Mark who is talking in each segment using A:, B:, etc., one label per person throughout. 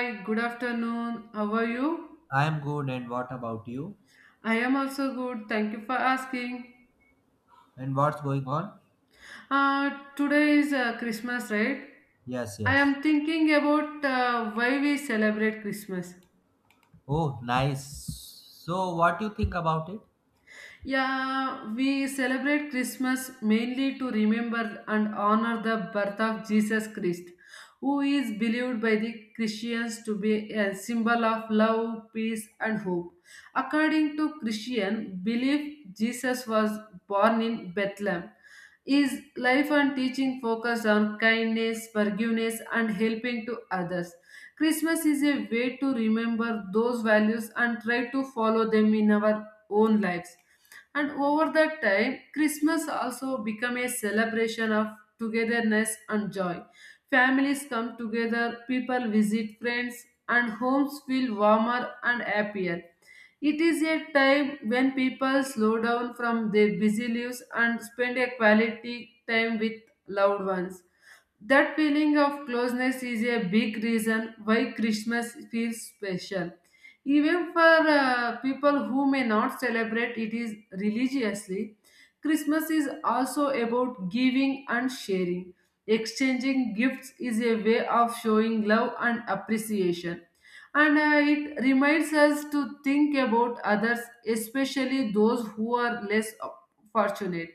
A: Hi, good afternoon. How are you?
B: I am good, and what about you?
A: I am also good. Thank you for asking.
B: And what's going on?
A: Uh, today is Christmas, right?
B: Yes,
A: I
B: yes.
A: am thinking about why we celebrate Christmas.
B: Oh, nice. So, what do you think about it?
A: Yeah, we celebrate Christmas mainly to remember and honor the birth of Jesus Christ, who is believed by the Christians to be a symbol of love, peace, and hope. According to Christian belief, Jesus was born in Bethlehem. His life and teaching focused on kindness, forgiveness, and helping to others. Christmas is a way to remember those values and try to follow them in our own lives, and over that time, christmas also become a celebration of togetherness and joy. Families come together, people visit friends, and homes feel warmer and happier. It is a time when people slow down from their busy lives and spend a quality time with loved ones. That feeling of closeness is a big reason why Christmas feels special. Even for people who may not celebrate it is religiously, Christmas is also about giving and sharing. Exchanging gifts is a way of showing love and appreciation. And it reminds us to think about others, especially those who are less fortunate.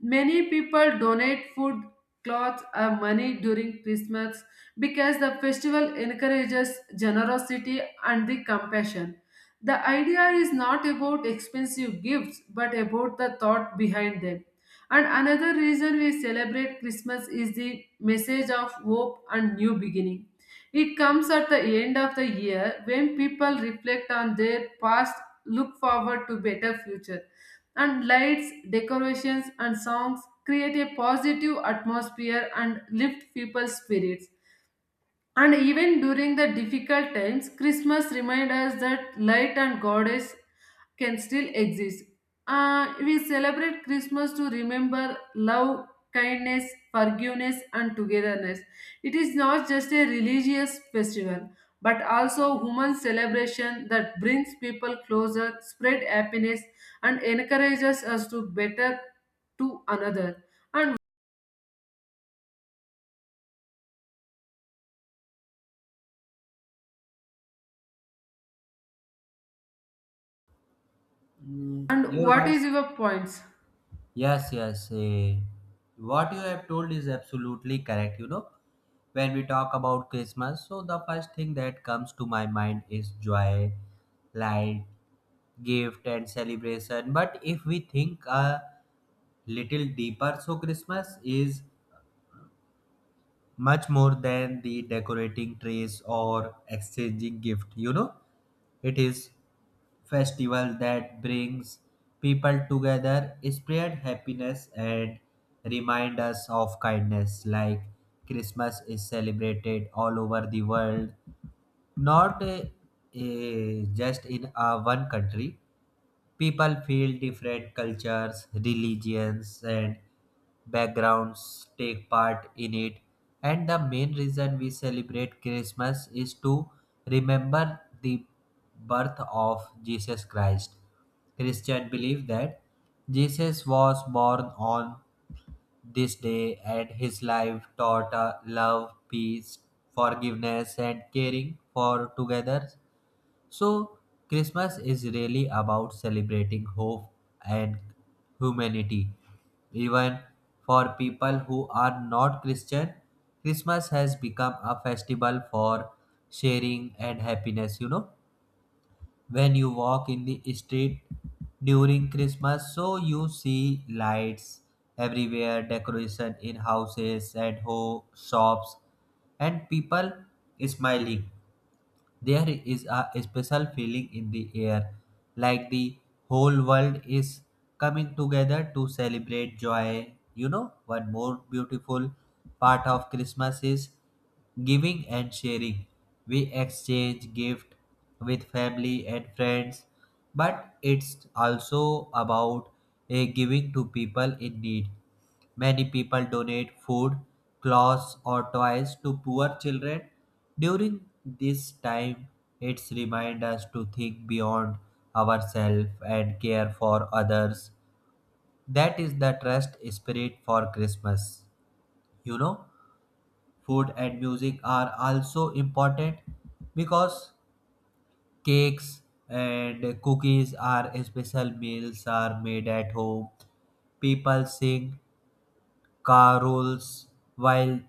A: Many people donate food, clothes or money during Christmas because the festival encourages generosity and the compassion. The idea is not about expensive gifts but about the thought behind them. And another reason we celebrate Christmas is the message of hope and new beginning. It comes at the end of the year when people reflect on their past, look forward to better future, and lights, decorations, and songs create a positive atmosphere and lift people's spirits. And even during the difficult times, Christmas reminds us that light and goddess can still exist. We celebrate Christmas to remember love, kindness, forgiveness, and togetherness. It is not just a religious festival, but also human celebration that brings people closer, spread happiness, and encourages us to better to another. And,
B: Mm,
A: and
B: your
A: what is
B: voice?
A: your points?
B: Yes, yes. eh, what you have told is absolutely correct. You know, when we talk about Christmas, so the first thing that comes to my mind is joy, light, gift, and celebration. But if we think a little deeper, so Christmas is much more than the decorating trees or exchanging gift. It is festival that brings people together, spread happiness, and remind us of kindness. Like, Christmas is celebrated all over the world, not just in one country. People feel different cultures, religions, and backgrounds take part in it. And the main reason we celebrate Christmas is to remember the birth of Jesus Christ. Christian believe that Jesus was born on this day, and his life taught love, peace, forgiveness, and caring for together. So, Christmas is really about celebrating hope and humanity. Even for people who are not Christian, Christmas has become a festival for sharing and happiness. You know, when you walk in the street during Christmas, so you see lights everywhere, decoration in houses and shops, and people smiling. There is a special feeling in the air, like the whole world is coming together to celebrate joy. You know, one more beautiful part of Christmas is giving and sharing. We exchange gift with family and friends, but it's also about a giving to people in need. Many people donate food, clothes, or toys to poor children. During this time, it's remind us to think beyond ourselves and care for others. That is the trust spirit for Christmas. You know, food and music are also important because cakes and cookies are special meals are made at home. People sing carols while,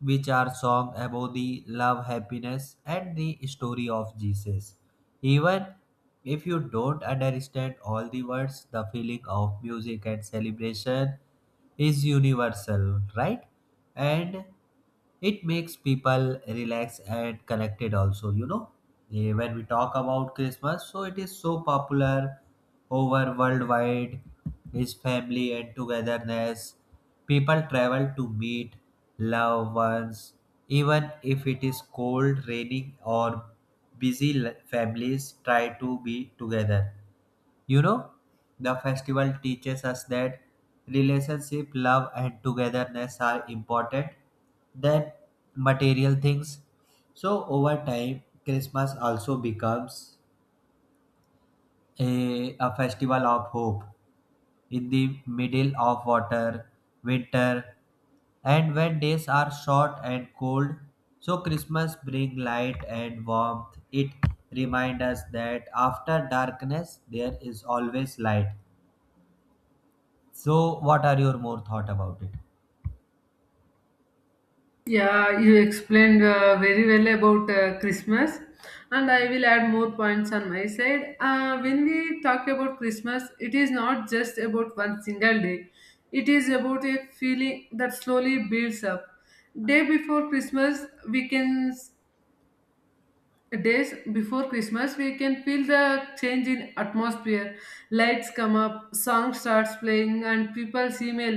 B: which are song about the love, happiness, and the story of Jesus. Even if you don't understand all the words, the feeling of music and celebration is universal, right? And it makes people relax and connected also. Eh, when we talk about Christmas, so it is so popular over worldwide is family and togetherness. People travel to meet loved ones even if it is cold, raining, or families try to be together. You know, the festival teaches us that relationship, love, and togetherness are important than material things. So, over time, Christmas also becomes a festival of hope in the middle of water, winter, and when days are short and cold. So, Christmas brings light and warmth. It reminds us that after darkness, there is always light. So, what are your more thought about it?
A: Yeah, you explained very well about Christmas, and I will add more points on my side. When we talk about Christmas, it is not just about one single day, it is about a feeling that slowly builds up. Day before Christmas, we can days before christmas, we can feel the change in atmosphere. Lights come up, song starts playing, and people seem a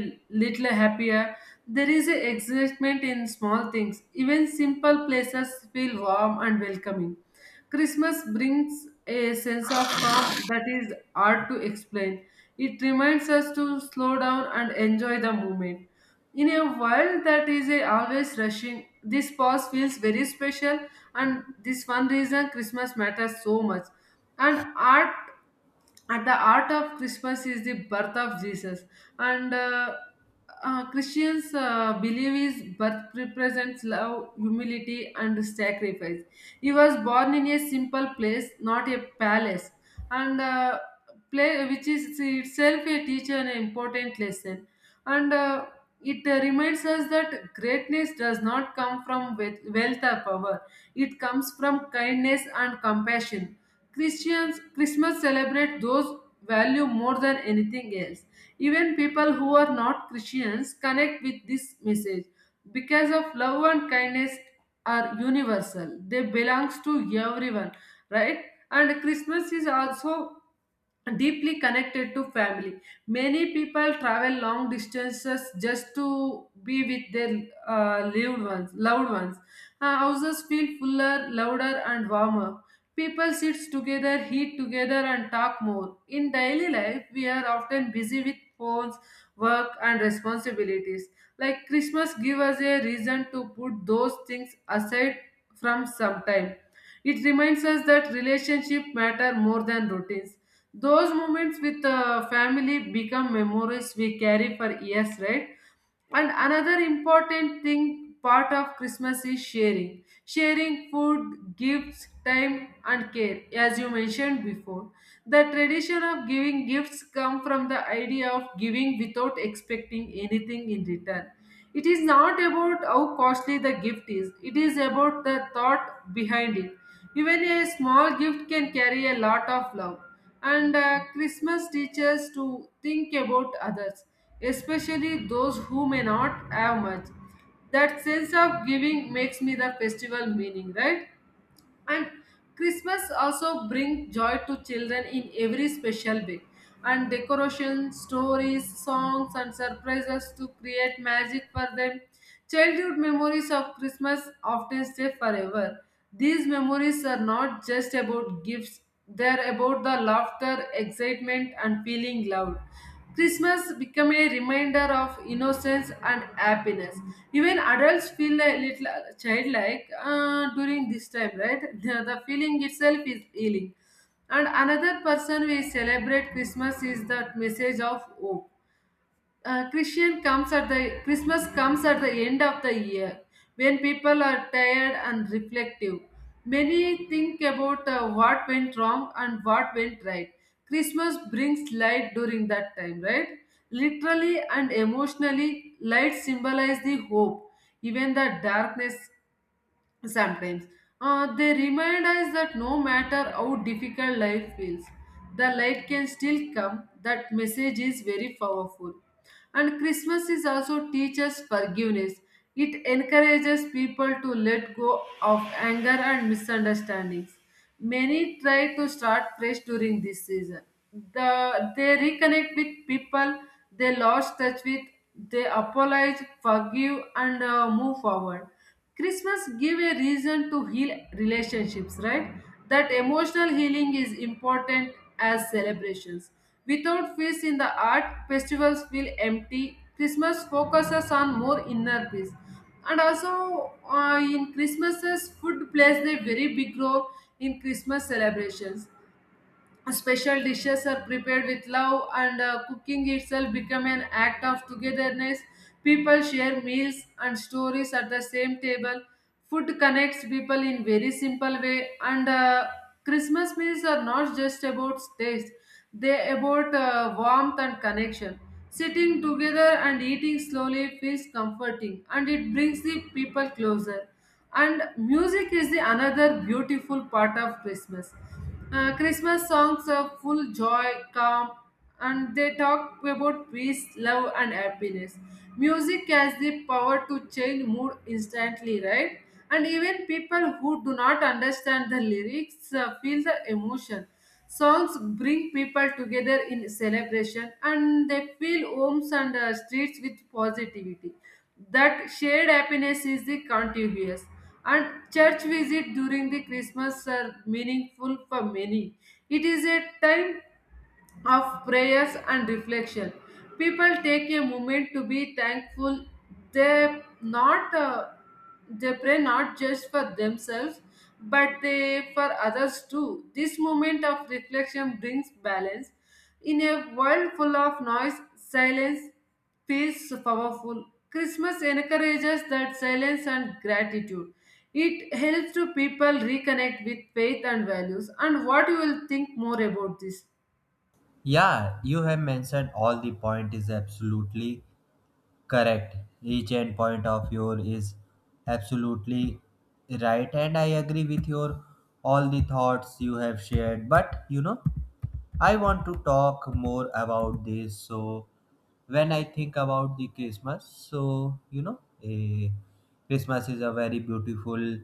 A: little happier. There is a excitement in small things. Even simple places feel warm and welcoming. Christmas brings a sense of calm that is hard to explain. It reminds us to slow down and enjoy the moment. In a world that is a always rushing, this pause feels very special, and this one reason christmas matters so much. And art at the art of christmas is the birth of jesus, and christians believe his birth represents love, humility and sacrifice. He was born in a simple place, not a palace, and play, which is itself a teacher, an important lesson, and it reminds us that greatness does not come from wealth or power. It comes from kindness and compassion. Christians Christmas celebrate those value more than anything else. Even people who are not Christians connect with this message because of love and kindness are universal. They belongs to everyone, right? And Christmas is also deeply connected to family. Many people travel long distances just to be with their loved ones. Houses feel fuller, louder, and warmer. People sit together, eat together, and talk more. In daily life, we are often busy with phones, work, and responsibilities. Like Christmas give us a reason to put those things aside from some time. It reminds us that relationship matter more than routines. Those moments with family become memories we carry for years, right? And another important thing part of Christmas is sharing. Sharing food, gifts, time and care, as you mentioned before. The tradition of giving gifts come from the idea of giving without expecting anything in return. It is not about how costly the gift is, it is about the thought behind it. Even a small gift can carry a lot of love. And Christmas teaches to think about others, especially those who may not have much. That sense of giving makes me the festival meaning, right? And christmas also bring joy to children in every special way, and decorations, stories, songs and surprises to create magic for them. Childhood memories of christmas often stay forever. These memories are not just about gifts, they're about the laughter, excitement, and feeling loved. Christmas become a reminder of innocence and happiness. Even adults feel a little childlike during this time, right? The feeling itself is healing. And another person we celebrate Christmas is that message of hope. Christian comes at the Christmas comes at the end of the year when people are tired and reflective. Many think about what went wrong and what went right. Christmas brings light during that time, right? Literally and emotionally, light symbolize the hope. Even the darkness sometimes, they remind us that no matter how difficult life feels, the light can still come. That message is very powerful. And Christmas is also teaches forgiveness. It encourages people to let go of anger and misunderstandings. Many try to start fresh during this season. They reconnect with people they lost touch with, they apologize, forgive, and move forward. Christmas give a reason to heal relationships, right? That emotional healing is important as celebrations. Without peace in the art, festivals feel empty. Christmas focuses on more inner peace, and also in christmases, food plays a very big role in christmas celebrations. Special dishes are prepared with love, and cooking itself become an act of togetherness. People share meals and stories at the same table. Food connects people in very simple way, and christmas meals are not just about taste, they about warmth and connection. Sitting together and eating slowly feels comforting, and it brings the people closer. And music is the another beautiful part of christmas. Christmas songs are full joy, calm, and they talk about peace, love and happiness. Music has the power to change mood instantly, right? And even people who do not understand the lyrics feel the emotion. Songs bring people together in celebration, and they fill homes and streets with positivity. That shared happiness is the contagious. And church visit during the Christmas are meaningful for many. It is a time of prayers and reflection. People take a moment to be thankful. They not uh, they pray not just for themselves, but they for others too. This moment of reflection brings balance. In a world full of noise, silence feels powerful. Christmas encourages that silence and gratitude. It helps to people reconnect with faith and values. And what you will think more about this?
B: Yeah, you have mentioned all the point is absolutely correct. Each end point of your is absolutely right, and I agree with your all the thoughts you have shared. But you know, I want to talk more about this. So, when I think about the Christmas, so you know, a Christmas is a very beautiful,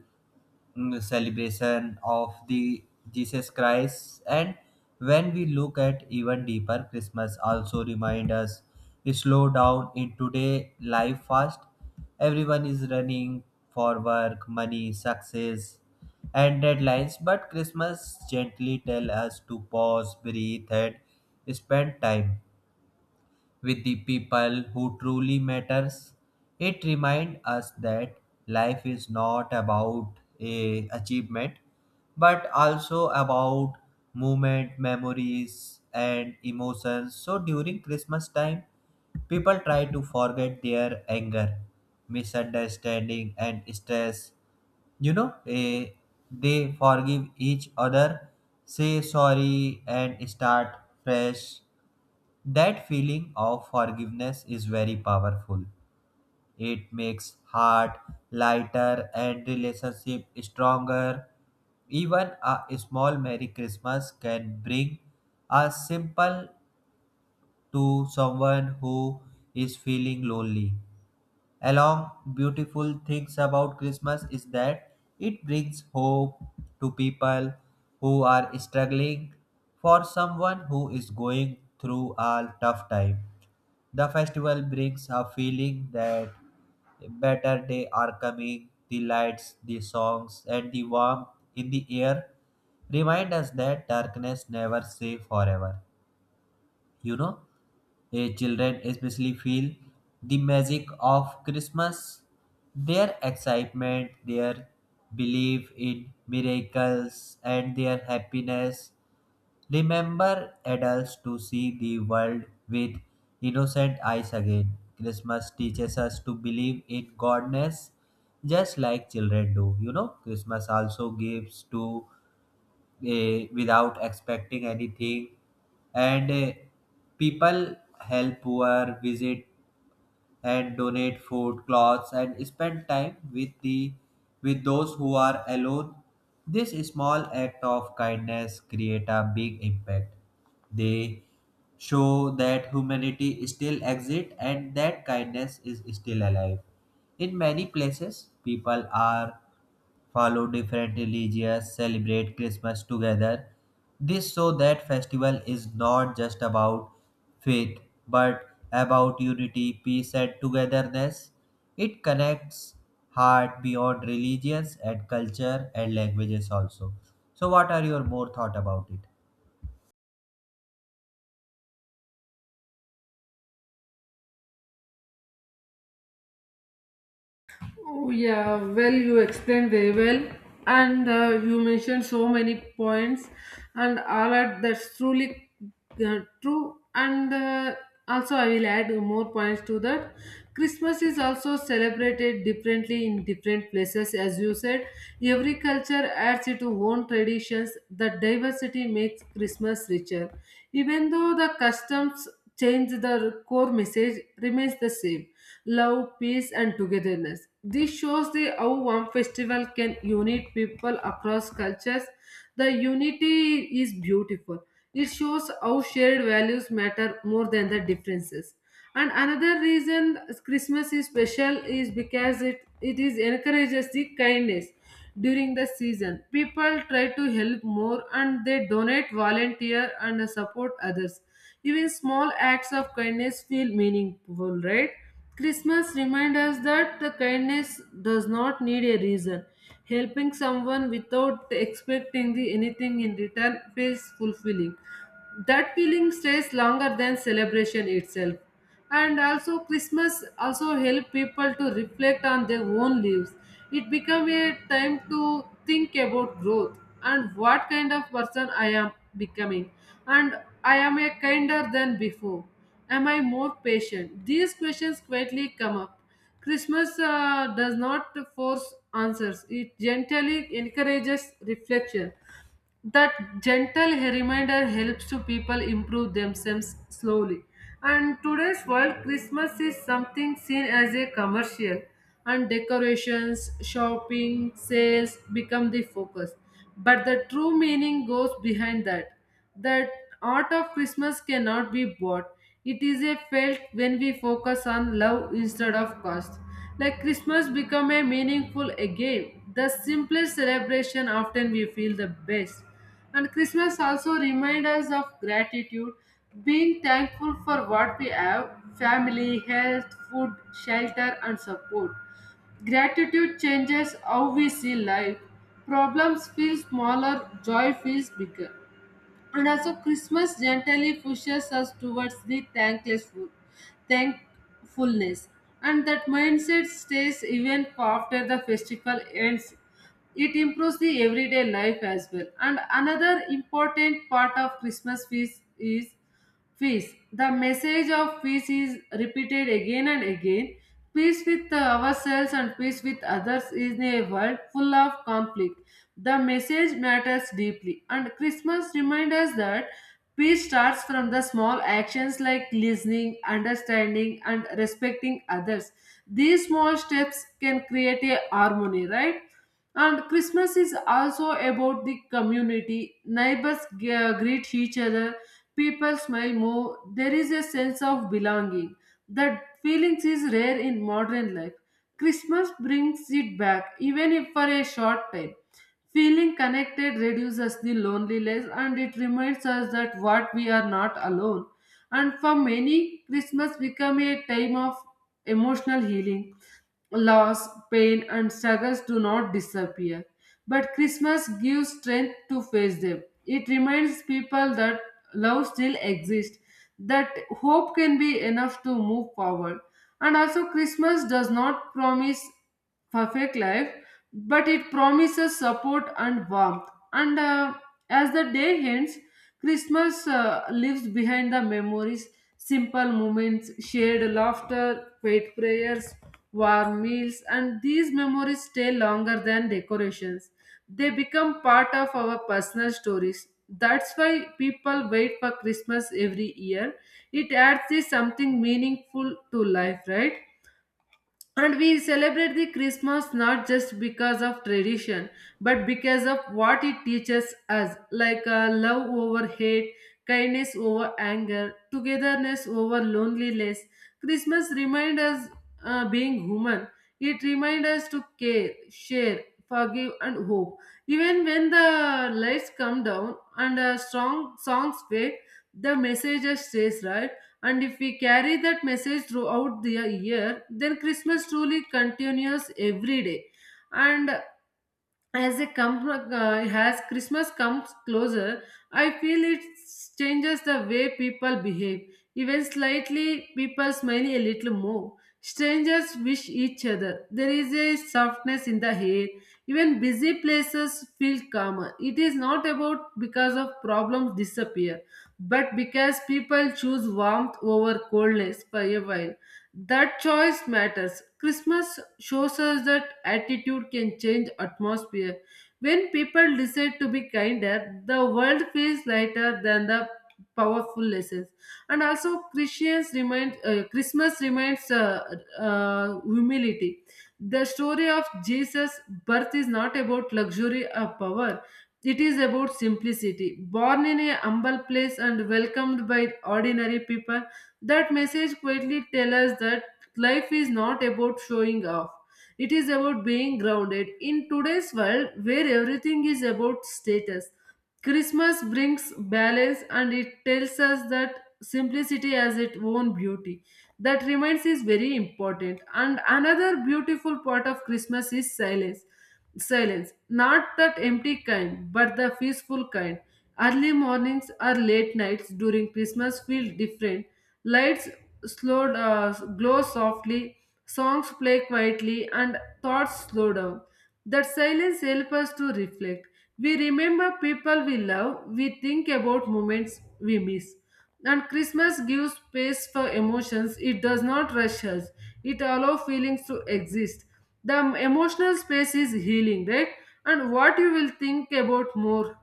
B: celebration of the Jesus Christ. And when we look at even deeper, Christmas also remind us slow down in today life fast. Everyone is running for work, money, success, and deadlines, but Christmas gently tells us to pause, breathe, and spend time with the people who truly matters. It reminds us that life is not about a achievement but also about movement, memories, and emotions. So during Christmas time, people try to forget their anger, misunderstanding, and stress. you know eh, they forgive each other, say sorry, and start fresh. That feeling of forgiveness is very powerful. It makes heart lighter and relationship stronger. Even a small Merry Christmas can bring a simple to someone who is feeling lonely. Along beautiful things about Christmas is that it brings hope to people who are struggling. For someone who is going through a tough time, the festival brings a feeling that better days are coming. The lights, the songs, and the warmth in the air remind us that darkness never stays forever. You know, Children especially feel the magic of Christmas, their excitement, their belief in miracles, and their happiness. Remember adults to see the world with innocent eyes again. Christmas teaches us to believe in goodness just like children do. You know, Christmas also gives to without expecting anything, and people help poor visit and donate food, clothes, and spend time with the with those who are alone. This small act of kindness create a big impact. They show that humanity still exists and that kindness is still alive. In many places, people are follow different religions, celebrate Christmas together. This so that festival is not just about faith but about unity, peace, and togetherness. It connects heart beyond religions and culture and languages also. So what are your more thought about it?
A: Oh, yeah, well, you explained very well, and you mentioned so many points, and all that that's truly true. And also, I will add more points to that. Christmas is also celebrated differently in different places, as you said. Every culture adds its own traditions. The diversity makes Christmas richer. Even though the customs change, the core message remains the same: love, peace, and togetherness. This shows the how one festival can unite people across cultures. The unity is beautiful. It shows how shared values matter more than the differences. And another reason Christmas is special is because it is encourages the kindness during the season. People try to help more and they donate, volunteer, and support others. Even small acts of kindness feel meaningful, right? Christmas reminds us that the kindness does not need a reason. Helping someone without expecting the anything in return feels fulfilling. That feeling stays longer than celebration itself. And also christmas also help people to reflect on their own lives. It become a time to think about growth, and what kind of person I am becoming, and I am a kinder than before, am I more patient. These questions quietly come up. Christmas does not force answers, it gently encourages reflection. That gentle reminder helps to people improve themselves slowly. And today's world, christmas is something seen as a commercial, and decorations, shopping, sales become the focus, but the true meaning goes behind that. The art of christmas cannot be bought, it is a felt when we focus on love instead of cost. Like Christmas become a meaningful again. The simplest celebration often we feel the best. And Christmas also reminds us of gratitude, being thankful for what we have: family, health, food, shelter and support. Gratitude changes how we see life. Problems feel smaller, joy feels bigger. And also, Christmas gently pushes us towards the thankfulness, and that mindset stays even after the festival ends. It improves the everyday life as well. And another important part of Christmas feast is peace. The message of peace is repeated again and again. Peace with ourselves and peace with others is a world full of conflict. The message matters deeply, and Christmas reminds us that peace starts from the small actions like listening, understanding, and respecting others. These small steps can create a harmony, right? And Christmas is also about the community. Neighbors greet each other. People smile more. There is a sense of belonging. That feelings is rare in modern life. Christmas brings it back, even if for a short time. Feeling connected reduces the loneliness and it reminds us that what we are not alone. And for many, Christmas become a time of emotional healing. Loss, pain, and struggles do not disappear. But Christmas gives strength to face them. It reminds people that love still exists, that hope can be enough to move forward. And also, Christmas does not promise perfect life, but it promises support and warmth. And As the day ends, Christmas leaves behind the memories, simple moments, shared laughter, faith prayers, warm meals, and these memories stay longer than decorations. They become part of our personal stories. That's why people wait for Christmas every year. It adds this something meaningful to life, right? And we celebrate the Christmas not just because of tradition, but because of what it teaches us, like love over hate, kindness over anger, togetherness over loneliness. Christmas reminds us being human. It reminds us to care, share, forgive, and hope. Even when the lights come down and strong songs fade, the message stays right, and if we carry that message throughout the year, then Christmas truly continues every day. And as christmas comes closer, I feel it changes the way people behave, even slightly. People smile a little more, strangers wish each other, there is a softness in the air, even busy places feel calmer. It is not about because of problems disappear, but because people choose warmth over coldness for a while. That choice matters. Christmas shows us that attitude can change atmosphere. When people decide to be kinder, the world feels lighter than the powerful lessons. And also, Christians remind Christmas reminds humility. The story of Jesus' birth is not about luxury or power. It is about simplicity. Born in a humble place and welcomed by ordinary people, that message quietly tells us that life is not about showing off. It is about being grounded. In today's world, where everything is about status, Christmas brings balance and it tells us that simplicity has its own beauty. That reminds is very important. And another beautiful part of Christmas is silence. Silence. Not that empty kind, but the peaceful kind. Early mornings or late nights during Christmas feel different. Lights glow softly, songs play quietly, and thoughts slow down. That silence helps us to reflect. We remember people we love, we think about moments we miss. And Christmas gives space for emotions. It does not rush us. It allows feelings to exist. The emotional space is healing, right? And what you will think about more.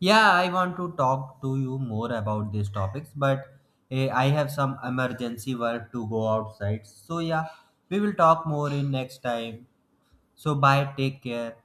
B: Yeah, I want to talk to you more about these topics, but I have some emergency work to go outside. So yeah, we will talk more in next time. So, bye, take care.